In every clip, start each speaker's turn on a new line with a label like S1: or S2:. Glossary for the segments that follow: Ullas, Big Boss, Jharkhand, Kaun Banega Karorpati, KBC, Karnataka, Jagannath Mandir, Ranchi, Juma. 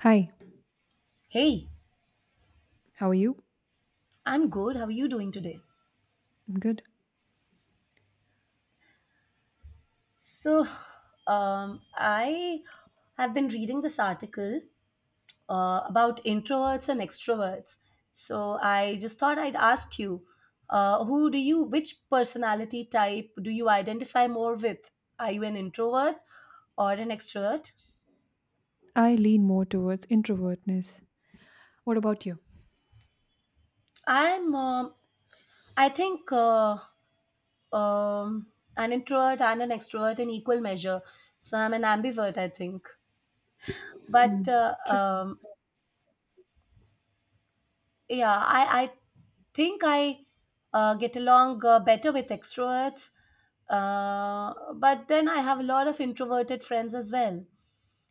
S1: Hi,
S2: Hey,
S1: how are you?
S2: I'm good. How are you doing today?
S1: I'm good.
S2: So, I have been reading this article about introverts and extroverts. So I just thought I'd ask you, which personality type do you identify more with? Are you an introvert or an extrovert?
S1: I lean more towards introvertness. What about you?
S2: I'm, I think, um, an introvert and an extrovert in equal measure. So I'm an ambivert, I think. But
S1: Hmm. Interesting.
S2: yeah, I think I get along better with extroverts, but then I have a lot of introverted friends as well.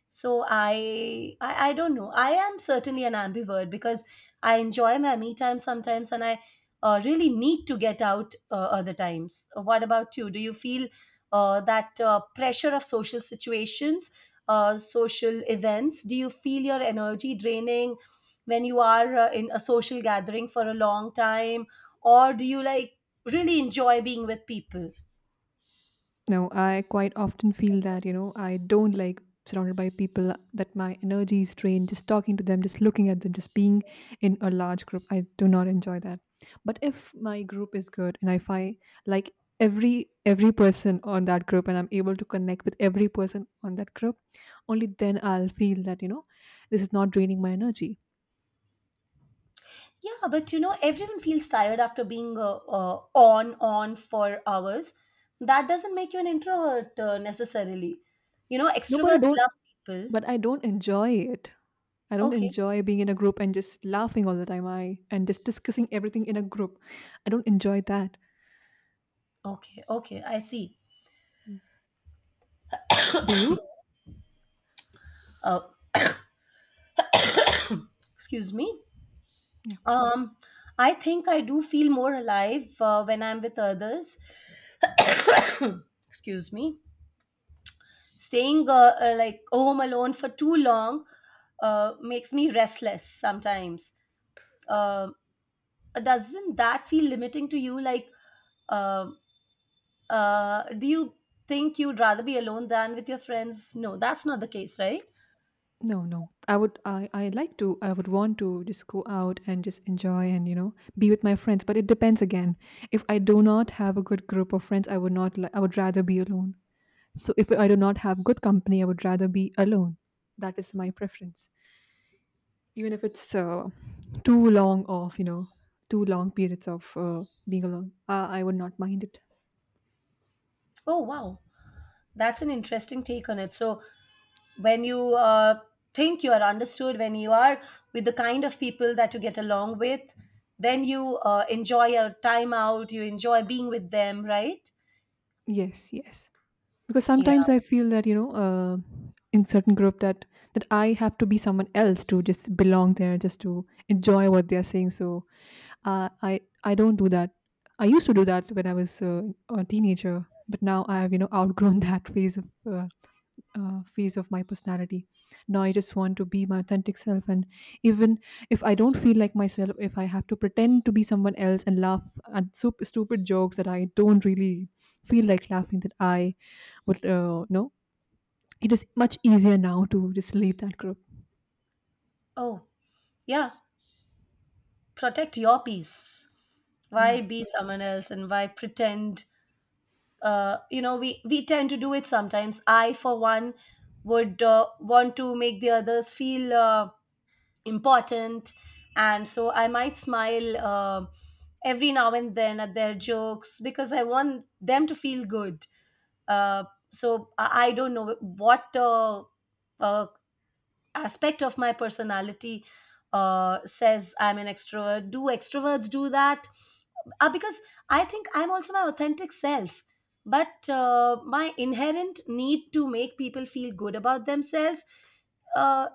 S2: So I don't know. I am certainly an ambivert because I enjoy my me time sometimes, and I really need to get out other times. What about you? Do you feel that pressure of social situations, social events? Do you feel your energy draining when you are in a social gathering for a long time, or do you like really enjoy being with people?
S1: No, I quite often feel that, I don't like surrounded by people that my energy is drained just talking to them, just looking at them, just being in a large group. I do not enjoy that. But if my group is good and if I like every person on that group and I'm able to connect with every person on that group, only then I'll feel that, this is not draining my energy.
S2: Yeah, but you know everyone feels tired after being on for hours. That doesn't make you an introvert necessarily. You know,
S1: No,
S2: extroverts love people.
S1: but I don't enjoy it. I don't
S2: Okay.
S1: enjoy being in a group and just laughing all the time. I and just discussing everything in a group. I don't enjoy that.
S2: Okay, okay, I see.
S1: Mm. Do you?
S2: uh, excuse me.
S1: Yeah.
S2: um I think I do feel more alive when I'm with others. Excuse me. Staying like home alone for too long makes me restless sometimes. Uh, doesn't that feel limiting to you? Like, uh, do you think you'd rather be alone than with your friends? No, that's not the case, right?
S1: No, no. I would want to just go out and just enjoy and be with my friends, but it depends again. If I do not have a good group of friends, I would rather be alone. So if I do not have good company, I would rather be alone. That is my preference. Even if it's too long too long periods of being alone, I would not mind it.
S2: Oh, wow. That's an interesting take on it. So, when you think you are understood, when you are with the kind of people that you get along with, then you enjoy your time out, you enjoy being with them, right?
S1: Yes, yes. Because
S2: Yeah.
S1: sometimes I feel that, in certain group that I have to be someone else to just belong there, just to enjoy what they are saying. So I don't do that. I used to do that when I was a teenager, but now I have outgrown that phase of my personality. Now I just want to be my authentic self, and even if I don't feel like myself, if I have to pretend to be someone else and laugh at stupid jokes that I don't really feel like laughing, that I would, you it is much easier now to just leave that group.
S2: Oh. Yeah, protect your peace. Why
S1: Yes.
S2: be someone else and why pretend? We tend to do it sometimes. I, for one, would want to make the others feel important, and so I might smile every now and then at their jokes because I want them to feel good. Uh, so I don't know what uh, aspect of my personality says I'm an extrovert. Do extroverts do that? Because I think I'm also my authentic self. But my inherent need to make people feel good about themselves uh,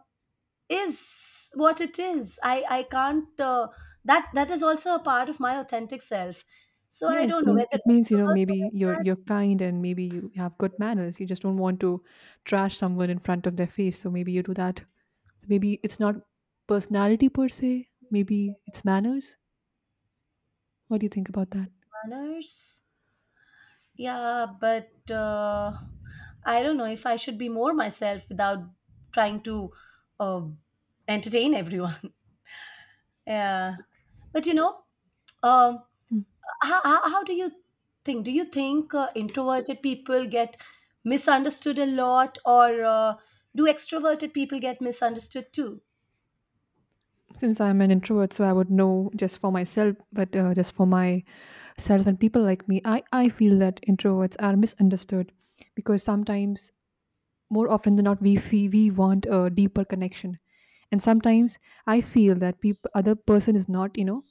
S2: is what it is. I can't, that is also a part of my authentic self. So I
S1: Yes,
S2: don't know whether
S1: means it means
S2: extroverts are
S1: maybe
S2: like
S1: you're
S2: that.
S1: you're kind and maybe you have good manners. You just don't want to trash someone in front of their face. So maybe you do that. So maybe it's not personality per se. Maybe it's manners. What do you think about that?
S2: These manners. Yeah, but I don't know if I should be more myself without trying to uh, entertain everyone. Yeah. But you know, um,
S1: Mm.
S2: how do you think? Do you think introverted people get misunderstood a lot, or do extroverted people get misunderstood too?
S1: Since I'm an introvert, so I would know just for myself, but just for myself and people like me, I feel that introverts are misunderstood because sometimes, more often than not, we feel we want a deeper connection, and sometimes I feel that peop other person is not,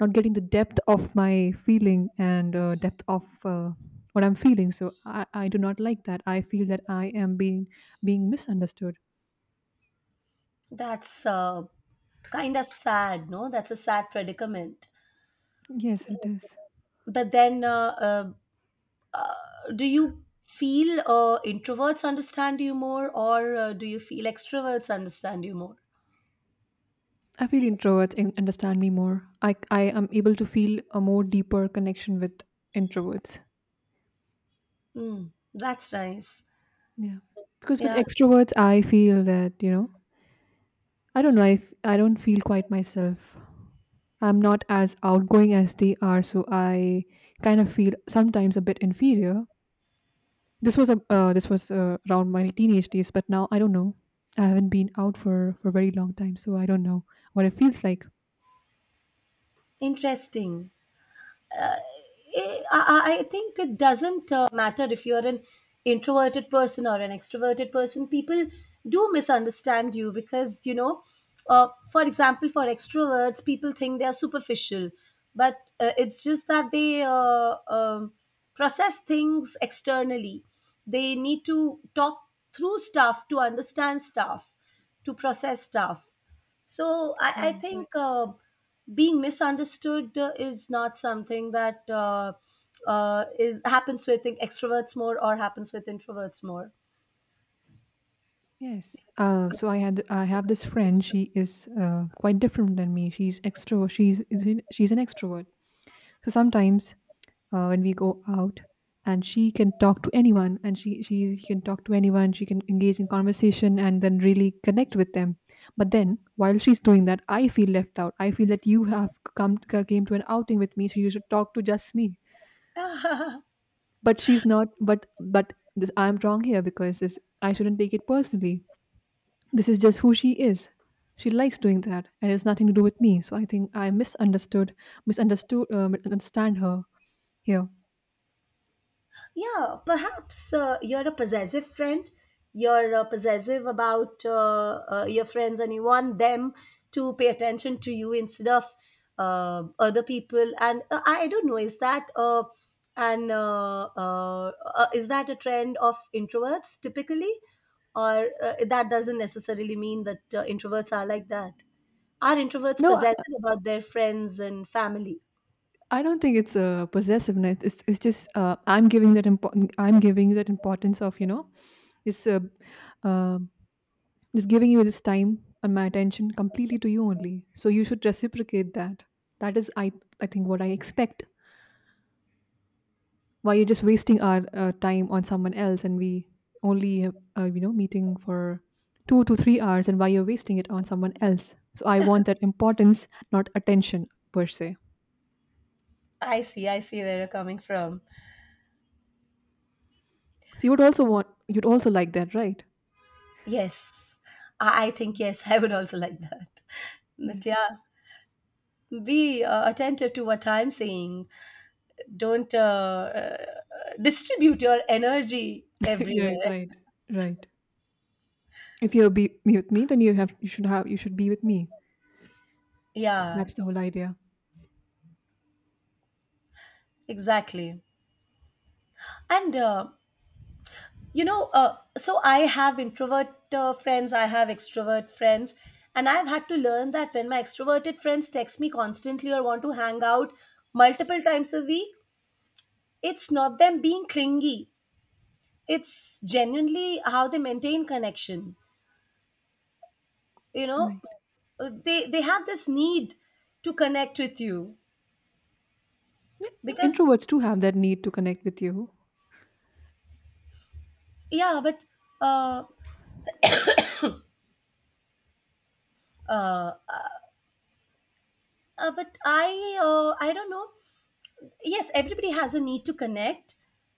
S1: not getting the depth of my feeling and depth of what I'm feeling. So I do not like that. I feel that I am being misunderstood.
S2: That's kind of sad, no? That's a sad predicament.
S1: Yes, it is.
S2: But then, do you feel introverts understand you more or do you feel extroverts understand you more?
S1: I feel introverts understand me more. I am able to feel a more deeper connection with introverts.
S2: Mm, that's nice.
S1: Yeah. Because with
S2: Yeah.
S1: extroverts I feel that, I don't know, I don't feel quite myself. I'm not as outgoing as they are, so I kind of feel sometimes a bit inferior. This was around my teenage days, but now I don't know. I haven't been out for a very long time, so I don't know what it feels like.
S2: Interesting. I think it doesn't matter if you're an introverted person or an extroverted person. People do misunderstand you because, you know, for example, for extroverts, people think they are superficial, but it's just that they process things externally. They need to talk through stuff to understand stuff, to process stuff. So I
S1: Right.
S2: think being misunderstood is not something that is happens with extroverts more or happens with introverts more.
S1: Yes. So I have this friend. She is quite different than me. She's extrovert. She's an extrovert. So sometimes when we go out, and she can talk to anyone. She can engage in conversation and then really connect with them. But then while she's doing that, I feel left out. I feel that you have come came to an outing with me, so you should talk to just me. But she's not. But this I'm wrong here because this I shouldn't take it personally. This is just who she is. She likes doing that, and it's nothing to do with me. So I think I misunderstood misunderstood understand her here.
S2: Yeah, perhaps you're a possessive friend. You're possessive about your friends and you want them to pay attention to you instead of other people. And I don't know, is that. And is that a trend of introverts typically, or that doesn't necessarily mean that introverts are like that? Are introverts
S1: No,
S2: possessive
S1: i,
S2: about their friends and family?
S1: I don't think it's possessiveness. It's just I'm giving that important I'm giving you that importance of you know it's uh, just giving you this time and my attention completely to you only, so you should reciprocate that. That is I think what I expect. Why you're just wasting our time on someone else, and we only meeting for 2 to 3 hours, and why you're wasting it on someone else? So I want that importance, not attention per se.
S2: I see, I see where you're coming from.
S1: So you'd also like that, right?
S2: Yes, I think yes, I would also like that. But
S1: Yes.
S2: yeah, be attentive to what I'm saying. Don't distribute your energy
S1: Right,
S2: everywhere.
S1: right, right. If you'll be me with me, then you have you should be with me.
S2: Yeah,
S1: That's the whole idea.
S2: exactly. And you know, so I have introvert friends, I have extrovert friends, and I've had to learn that when my extroverted friends text me constantly or want to hang out multiple times a week, it's not them being clingy. It's genuinely how they maintain connection, you know.
S1: Right.
S2: They have this need to connect with you
S1: Yeah,
S2: because
S1: introverts do have that need to connect with you.
S2: yeah, but uh uh, uh but i I don't know. Yes, everybody has a need to connect,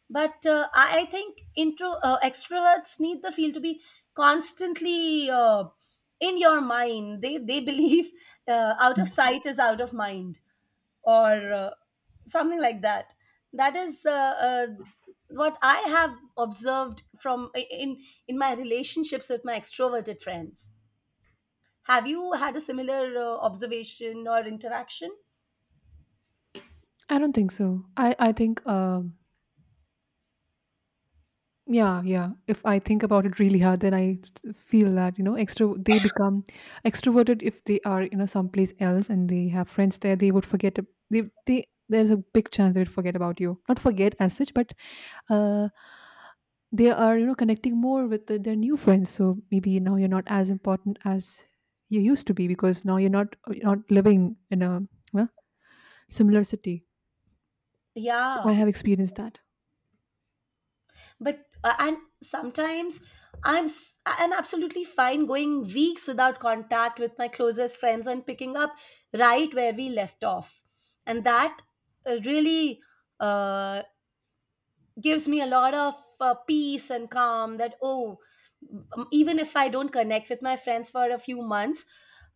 S2: but I think intro extroverts need the field to be constantly in your mind. They believe out of
S1: Mm.
S2: sight is out of mind, or something like that. That is uh, what I have observed from in my relationships with my extroverted friends. Have you had a similar observation or interaction?
S1: I don't think so. I think yeah, yeah. If I think about it really hard, then I feel that, extro they become extroverted if they are, someplace else and they have friends there, they would forget ab- they there's a big chance they would forget about you. Not forget as such, but uh they are, connecting more with their new friends. So maybe now you're not as important as you used to be because now you're not living in a uh, similar city. So I
S2: Yeah,
S1: have experienced that.
S2: but and sometimes I'm absolutely fine going weeks without contact with my closest friends and picking up right where we left off, and that really uh, gives me a lot of peace and calm that, oh, even if I don't connect with my friends for a few months,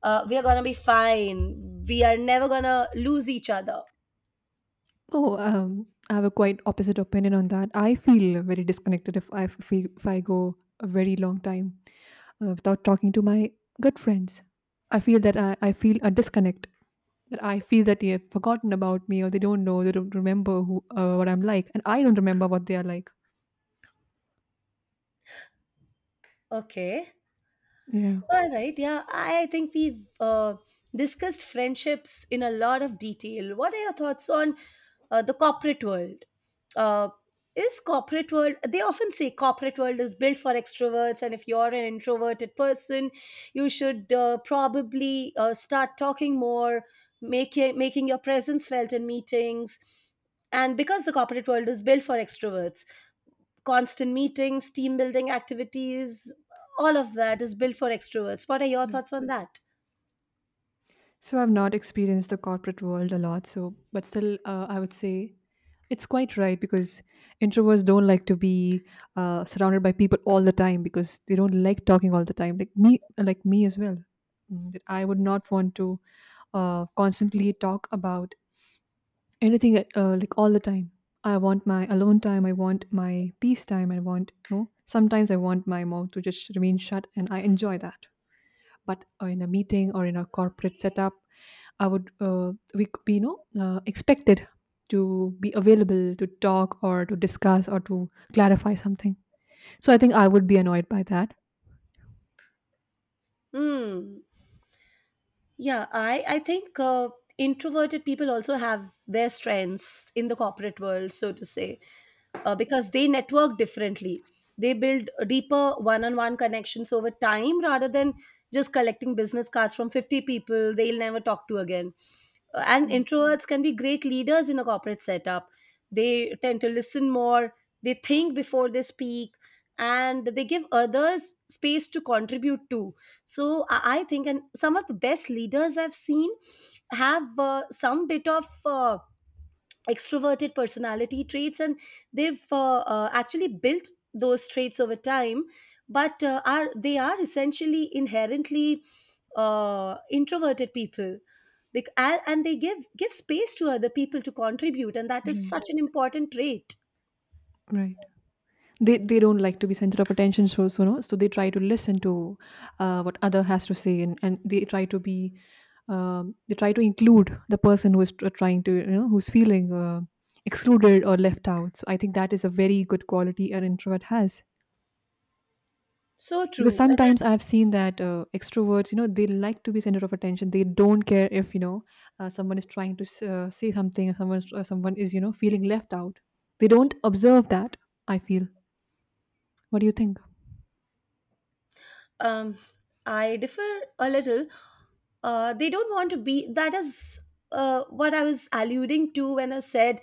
S2: we are going to be fine, we are never going to lose each other.
S1: Oh, I have a quite opposite opinion on that. I feel very disconnected if I go a very long time without talking to my good friends. I feel that I feel a disconnect. That I feel that they have forgotten about me, or they don't know, they don't remember who what I'm like, and I don't remember what they are like.
S2: Okay.
S1: Yeah.
S2: All right. Yeah, I think we've discussed friendships in a lot of detail. What are your thoughts on the corporate world? Uh, is corporate world, they often say corporate world is built for extroverts, and if you're an introverted person you should probably start talking more, making your presence felt in meetings, and because the corporate world is built for extroverts, constant meetings, team building activities, all of that is built for extroverts. What are your
S1: Right.
S2: thoughts on that?
S1: So I've not experienced the corporate world a lot. So, but still, I would say it's quite right because introverts don't like to be surrounded by people all the time because they don't like talking all the time. Like me as well. That I would not want to constantly talk about anything like all the time. I want my alone time. I want my peace time. I want. Sometimes I want my mouth to just remain shut, and I enjoy that. But in a meeting or in a corporate setup, I would we could be expected to be available to talk or to discuss or to clarify something. So I think I would be annoyed by that.
S2: Hmm. Yeah, I think introverted people also have their strengths in the corporate world, so to say, because they network differently. They build deeper one-on-one connections over time rather than just collecting business cards from 50 people they'll never talk to again. And
S1: Mm.
S2: introverts can be great leaders in a corporate setup. They tend to listen more, they think before they speak, and they give others space to contribute to. So I think, and some of the best leaders I've seen have some bit of uh, extroverted personality traits, and they've actually built those traits over time, but are they are essentially inherently introverted people. And they give space to other people to contribute, and that is such
S1: Right,
S2: an important trait.
S1: right. They don't like to be center of attention, so so no, so they try to listen to what other has to say, and they try to include the person who is trying to who's feeling excluded or left out. So I think that is a very good quality an introvert has.
S2: So
S1: Because
S2: true, and
S1: sometimes I've seen that extroverts, they like to be center of attention. They don't care if, someone is trying to say something or someone is, feeling left out. They don't observe that, I feel. What do you think?
S2: um, I differ a little. They don't want to be, that is what I was alluding to when I said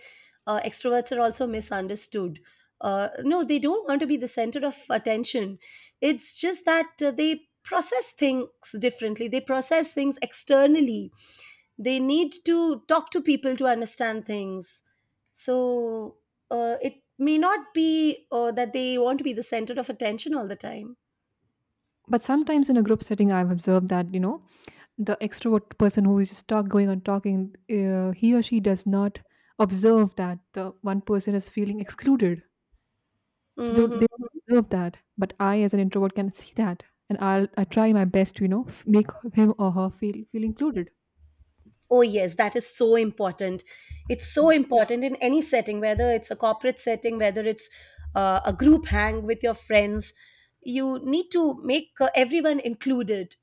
S2: extroverts are also misunderstood. No, they don't want to be the center of attention. It's just that they process things differently, they process things externally, they need to talk to people to understand things. So it may not be that they want to be the center of attention all the time.
S1: But sometimes in a group setting, I've observed that, the extrovert person who is just talk going on talking, he or she does not observe that the one person is feeling excluded. So
S2: Mhm.
S1: they observe that, but I, as an introvert, can see that, and I try my best to make him or her feel included,
S2: Oh, yes, that is so important. It's so important in any setting, whether it's a corporate setting, whether it's a group hang with your friends. You need to make everyone included.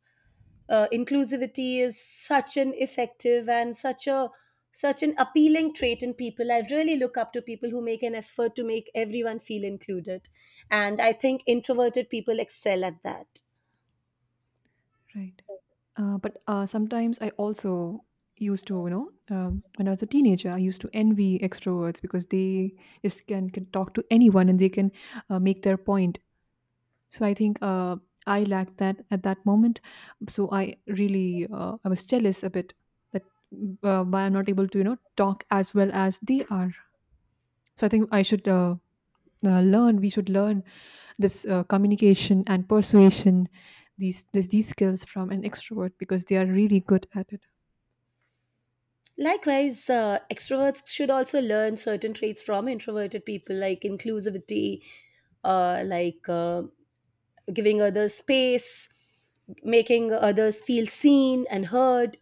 S2: Inclusivity is such an effective and such an appealing trait in people. I really look up to people who make an effort to make everyone feel included, and I think introverted people excel at that.
S1: right? But sometimes I also used to you know when I was a teenager, I used to envy extroverts because they just can talk to anyone and they can make their point. So I think, I lacked that at that moment, so I was jealous a bit that why I'm not able to talk as well as they are. So I think I should learn we should learn this communication and persuasion these skills from an extrovert because they are really good at it.
S2: Likewise, extroverts should also learn certain traits from introverted people, like inclusivity, like giving others space, making others feel seen and heard.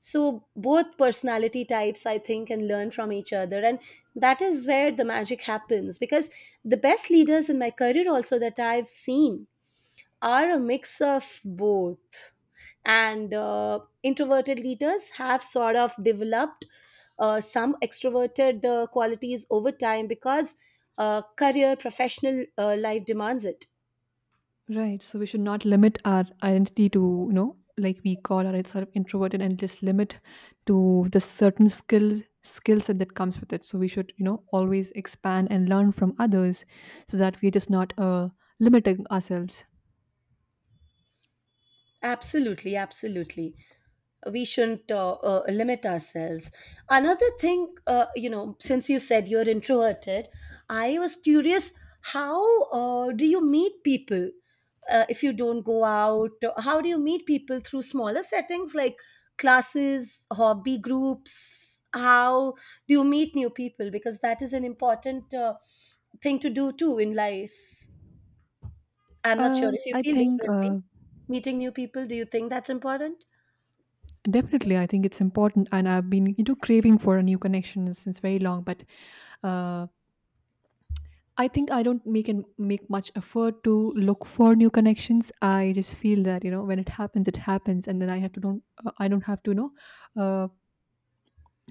S2: So, both personality types, I think, can learn from each other. And that is where the magic happens, because the best leaders in my career, also, that I've seen, are a mix of both, and introverted leaders have sort of developed some extroverted qualities over time, because career professional life demands it.
S1: Right, so we should not limit our identity to, like, we call ourselves sort of introverted and just limit to the certain skill set that comes with it. So we should, always expand and learn from others so that we're just not limiting ourselves.
S2: Absolutely, absolutely. We shouldn't limit ourselves. Another thing, you know, since you said you're introverted, I was curious how do you meet people if you don't go out? How do you meet people through smaller settings like classes, hobby groups? How do you meet new people? Because that is an important thing to do too in life. I'm not sure if you
S1: I
S2: feel
S1: think
S2: differently. Meeting new people, do you think that's important?
S1: Definitely, I think it's important, and I've been, craving for a new connection since very long. But uh, I think I don't make much effort to look for new connections. I just feel that you know when it happens, and then I don't have to uh,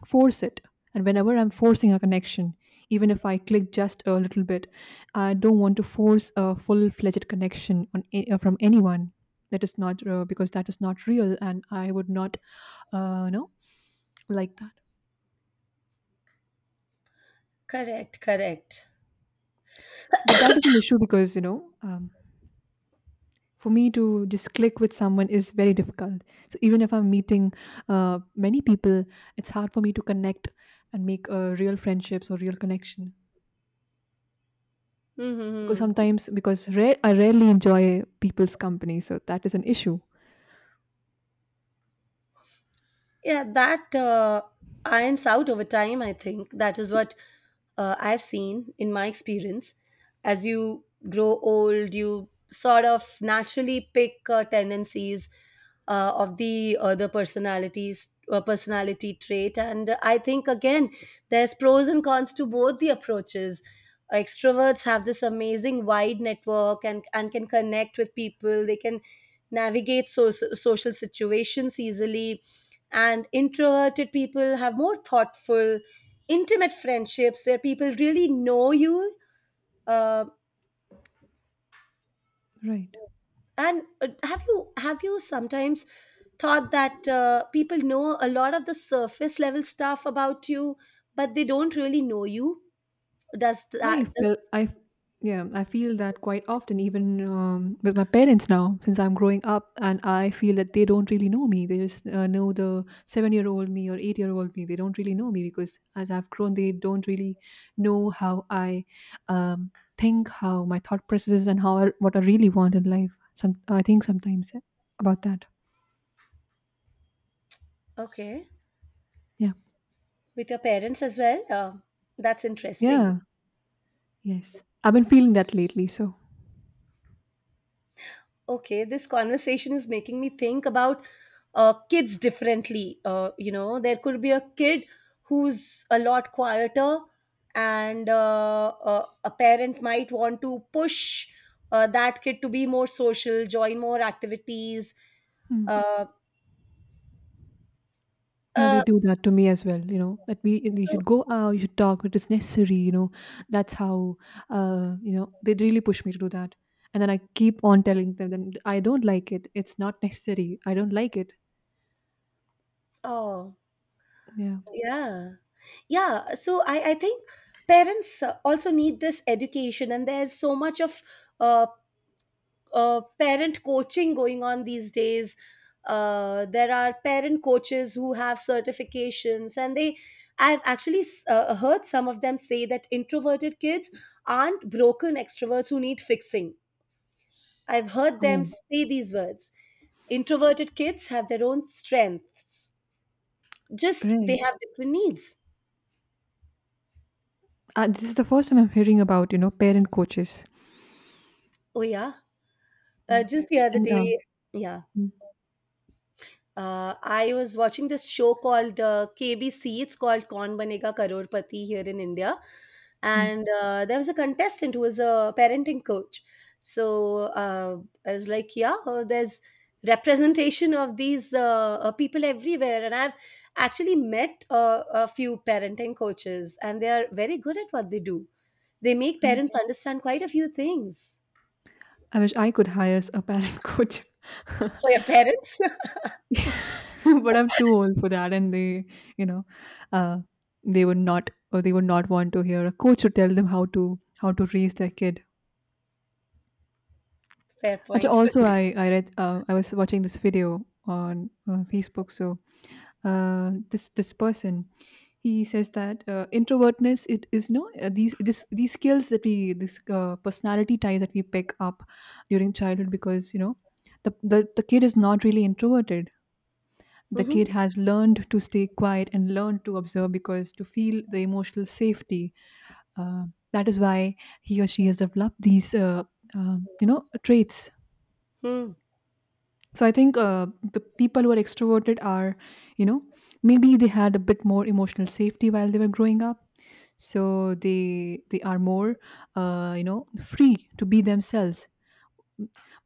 S1: force it. And whenever I'm forcing a connection, even if I click just a little bit, I don't want to force a full fledged connection from anyone. That is not Because that is not real, and I would not uh, you know like
S2: Correct, correct.
S1: but that is an issue because um, for me to just click with someone is very difficult. So even if I'm meeting many people, it's hard for me to connect and make real friendships or real connection, because
S2: Mm-hmm. Hmm.
S1: I rarely enjoy people's company. So that is an issue.
S2: Yeah, that irons out over time, I think. That is what I've seen in my experience. As you grow old, you sort of naturally pick tendencies of the other personalities. Personality trait, and I think again there's pros and cons to both the approaches. Extroverts have this amazing wide network and can connect with people. They can navigate social situations easily, and introverted people have more thoughtful intimate friendships where people really know you. Uh,
S1: Right.
S2: and Have you sometimes thought that people know a lot of the surface level stuff about you, but they don't really know you? does that
S1: I
S2: does
S1: felt I, yeah, I feel that quite often, even with my parents now, since I'm growing up, and I feel that they don't really know me. They just know the seven-year-old me or eight-year-old me. They don't really know me because as I've grown, they don't really know how I think, how my thought processes, and what I really want in life. Some I think sometimes, yeah, about that.
S2: Okay,
S1: Yeah,
S2: with your parents as well, that's interesting.
S1: yeah, yes. I've been feeling that lately. So.
S2: Okay, this conversation is making me think about kids differently. Uh, you know, there could be a kid who's a lot quieter, and a parent might want to push that kid to be more social, join more activities.
S1: Hmm.
S2: uh,
S1: Yeah, they
S2: uh,
S1: do that to me as well. You know that we you
S2: so,
S1: should go out, you should talk, but it is necessary. You know that's how, you know, they really push me to do that, and then I keep on telling them then I don't like it. It's not necessary. I don't like it.
S2: oh,
S1: Yeah.
S2: yeah. I think parents also need this education, and there's so much of uh, parent coaching going on these days. There are parent coaches who have certifications, and they I've actually heard some of them say that introverted kids aren't broken extroverts who need fixing. I've heard them
S1: Oh,
S2: say these words. Introverted kids have their own strengths, just they
S1: right.
S2: have different needs.
S1: This is the first time I'm hearing about you know parent coaches.
S2: Oh, yeah.
S1: Yeah.
S2: Just the other
S1: And
S2: day, yeah.
S1: mm,
S2: I was watching this show called KBC. It's called Kaun Banega Karorpati here in India,
S1: mm,
S2: and there was a contestant who was a parenting coach. So, I was like, yeah, there's representation of these people everywhere, and I've actually met a few parenting coaches, and they are very good at what they do. They make
S1: right.
S2: parents understand quite a few things.
S1: I wish I could hire a parent coach.
S2: For your parents,
S1: But I'm too old for that, and they, you know, uh, they would not or they would not want to hear a coach to tell them how to raise their kid.
S2: fair
S1: Actually,
S2: point.
S1: also I read, I was watching this video on Facebook. So uh, this person, he says that introvertness, it is no these this these skills that we this personality type that we pick up during childhood, because you know the kid is not really introverted. The kid
S2: Mhm.
S1: has learned to stay quiet and learned to observe because to feel the emotional safety. uh, that is why he or she has developed these you know traits.
S2: Hmm.
S1: So I think the people who are extroverted are, you know, maybe they had a bit more emotional safety while they were growing up, so they are more, you know, free to be themselves.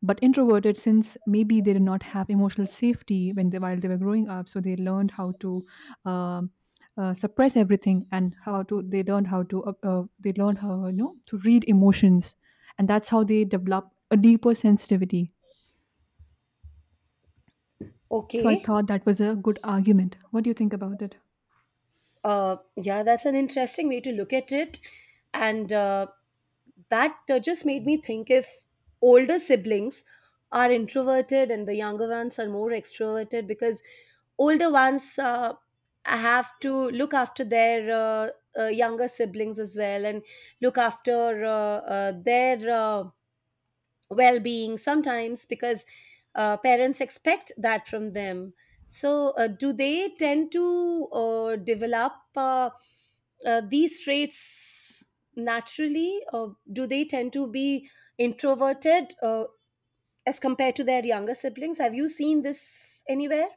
S1: But introverted, since maybe they did not have emotional safety when they, while they were growing up, so they learned how to uh, suppress everything, and how to they learned how to they learned how, you know, to read emotions, and that's how they develop a deeper sensitivity. So I
S2: Okay.
S1: thought that was a good argument. What do you think about it?
S2: Yeah, that's an interesting way to look at it. And that just made me think if older siblings are introverted and the younger ones are more extroverted because older ones have to look after their younger siblings as well and look after their well being sometimes because parents expect that from them. So, do they tend to develop these traits naturally, or do they tend to be introverted as compared to their younger siblings? Have you seen this anywhere?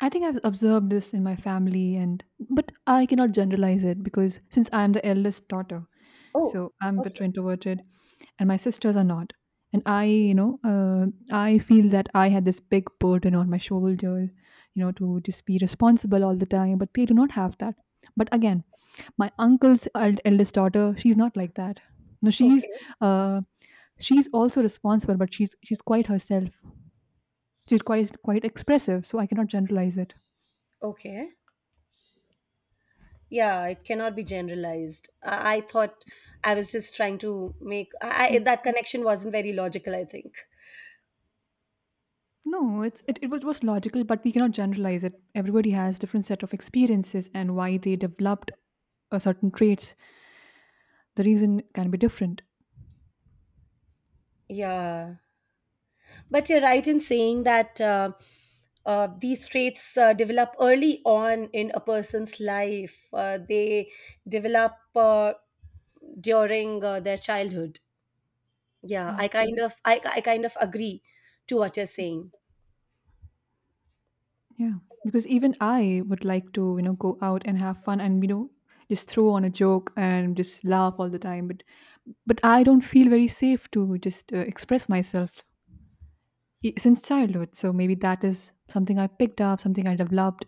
S1: I think I've observed this in my family, and but I cannot generalize it, because since I am the eldest daughter,
S2: Oh,
S1: so I'm a bit
S2: okay,
S1: introverted, and my sisters are not. And I, you know, I feel that I had this big burden on my shoulders, you know, to just be responsible all the time, but they do not have that. But again, my uncle's eldest daughter, she's not like that. No,
S2: okay,
S1: uh, she's also responsible, but she's quite herself. She's quite expressive, so I cannot generalize it.
S2: okay. Yeah, it cannot be generalized. I thought I was just trying to make that connection wasn't very logical, I think.
S1: No, it was logical, but we cannot generalize it. Everybody has different set of experiences and why they developed a certain traits. The reason can be different.
S2: Yeah, but you're right in saying that these traits develop early on in a person's life. They develop during their childhood. Yeah,
S1: Right.
S2: I kind of I kind of agree to what you're saying.
S1: Yeah. Because even I would like to, you know, go out and have fun, and you know, just throw on a joke and just laugh all the time. But I don't feel very safe to just express myself since childhood. So maybe that is something I picked up, something I developed.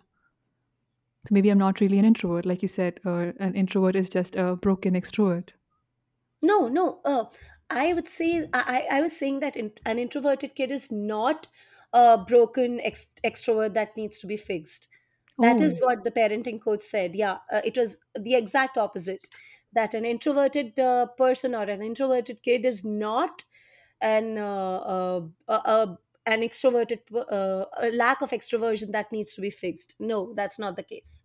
S1: So maybe I'm not really an introvert, like you said. An introvert is just a broken extrovert.
S2: No, no. I would say I was saying that in, an introverted kid is not a broken extrovert that needs to be fixed. That is
S1: Oh,
S2: what the parenting coach said. Yeah, it was the exact opposite. That an introverted person or an introverted kid is not an an extroverted a lack of extroversion that needs to be fixed. No, that's not the case.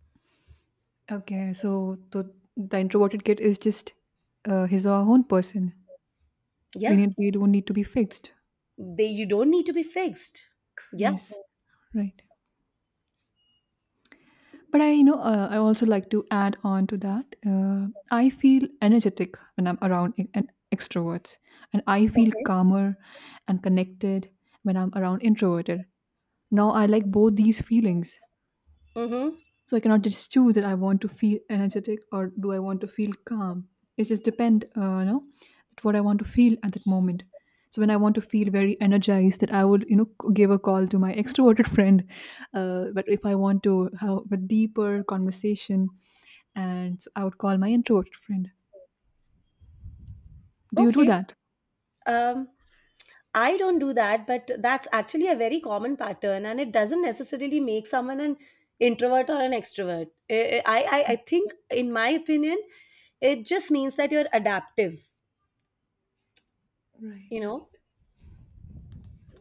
S1: okay. So the introverted kid is just, his or her own person.
S2: Yeah,
S1: They don't need to be fixed.
S2: they you don't need to be fixed. Yeah.
S1: Yes, right. But I, you know, I also like to add on to that. I feel energetic when I'm around e- an extroverts, and I feel
S2: Okay.
S1: calmer and connected when I'm around introverted. Now I like both these feelings.
S2: Mm-hmm.
S1: So I cannot just choose that I want to feel energetic, or do I want to feel calm. It just depend, you know, that what I want to feel at that moment. So when I want to feel very energized, that I would, you know, give a call to my extroverted friend. But if I want to have a deeper conversation, and so I would call my introverted friend. Do you do
S2: Okay.
S1: that?
S2: Um, I don't do that, but that's actually a very common pattern, and it doesn't necessarily make someone an introvert or an extrovert. I think, in my opinion, it just means that you're adaptive, you
S1: Right.
S2: know,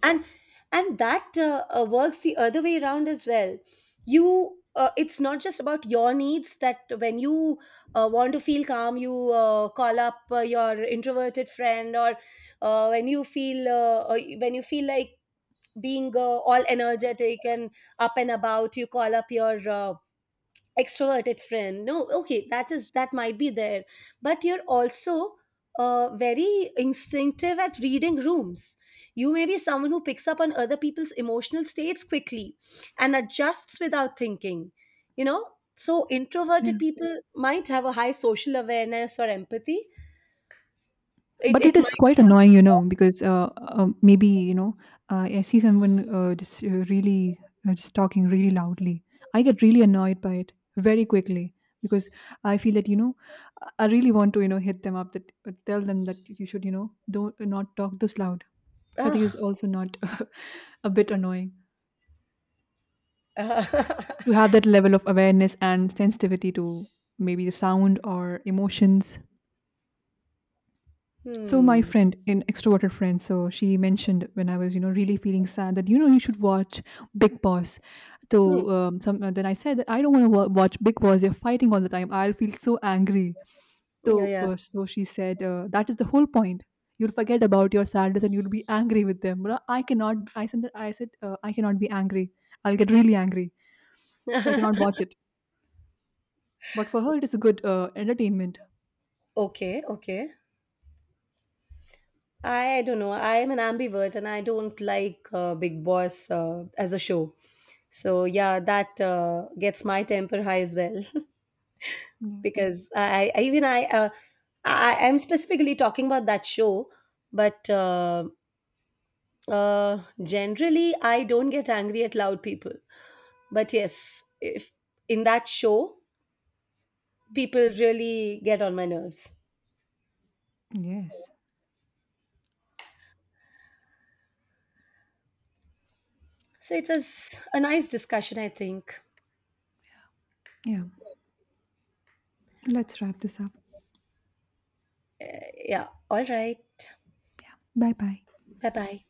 S2: and that works the other way around as well. You, it's not just about your needs that when you want to feel calm, you call up your introverted friend, or when you feel like being all energetic and up and about, you call up your extroverted friend. No, okay, that is that might be there, but you're also very instinctive at reading rooms. You may be someone who picks up on other people's emotional states quickly and adjusts without thinking, you know. So
S1: Yeah,
S2: introverted people might have a high social awareness or empathy. it,
S1: but it
S2: it
S1: is
S2: might.
S1: quite annoying, you know, because maybe you know, I see someone, just really, just talking really loudly, I get really annoyed by it very quickly, because I feel that, you know, I really want to, you know, hit them up that, tell them that you should, you know, don't not talk this loud. So I think
S2: Ah.
S1: it's also not a bit annoying to have that level of awareness and sensitivity to maybe the sound or emotions. So my
S2: Hmm.
S1: friend, an extroverted friend, so she mentioned when I was, you know, really feeling sad that you know you should watch Big Boss. So
S2: Hmm.
S1: some then I said that I don't want to watch Big Boss. They're fighting all the time. I'll feel so angry.
S2: Yeah,
S1: So
S2: yeah.
S1: so she said, that is the whole point. You'll forget about your sadness and you'll be angry with them. But I cannot. I said, I cannot be angry. I'll get really angry. So I cannot watch it. But for her, it is a good entertainment.
S2: Okay, okay. I don't know. I am an ambivert, and I don't like Big Boss as a show. So yeah, that gets my temper high as well
S1: Yeah.
S2: because I even I am specifically talking about that show, but uh, generally, I don't get angry at loud people. But yes, if in that show, people really get on my nerves.
S1: Yes.
S2: So it was a nice discussion, I think.
S1: Yeah. Let's wrap this up.
S2: Yeah. All right.
S1: Bye bye.
S2: Bye bye.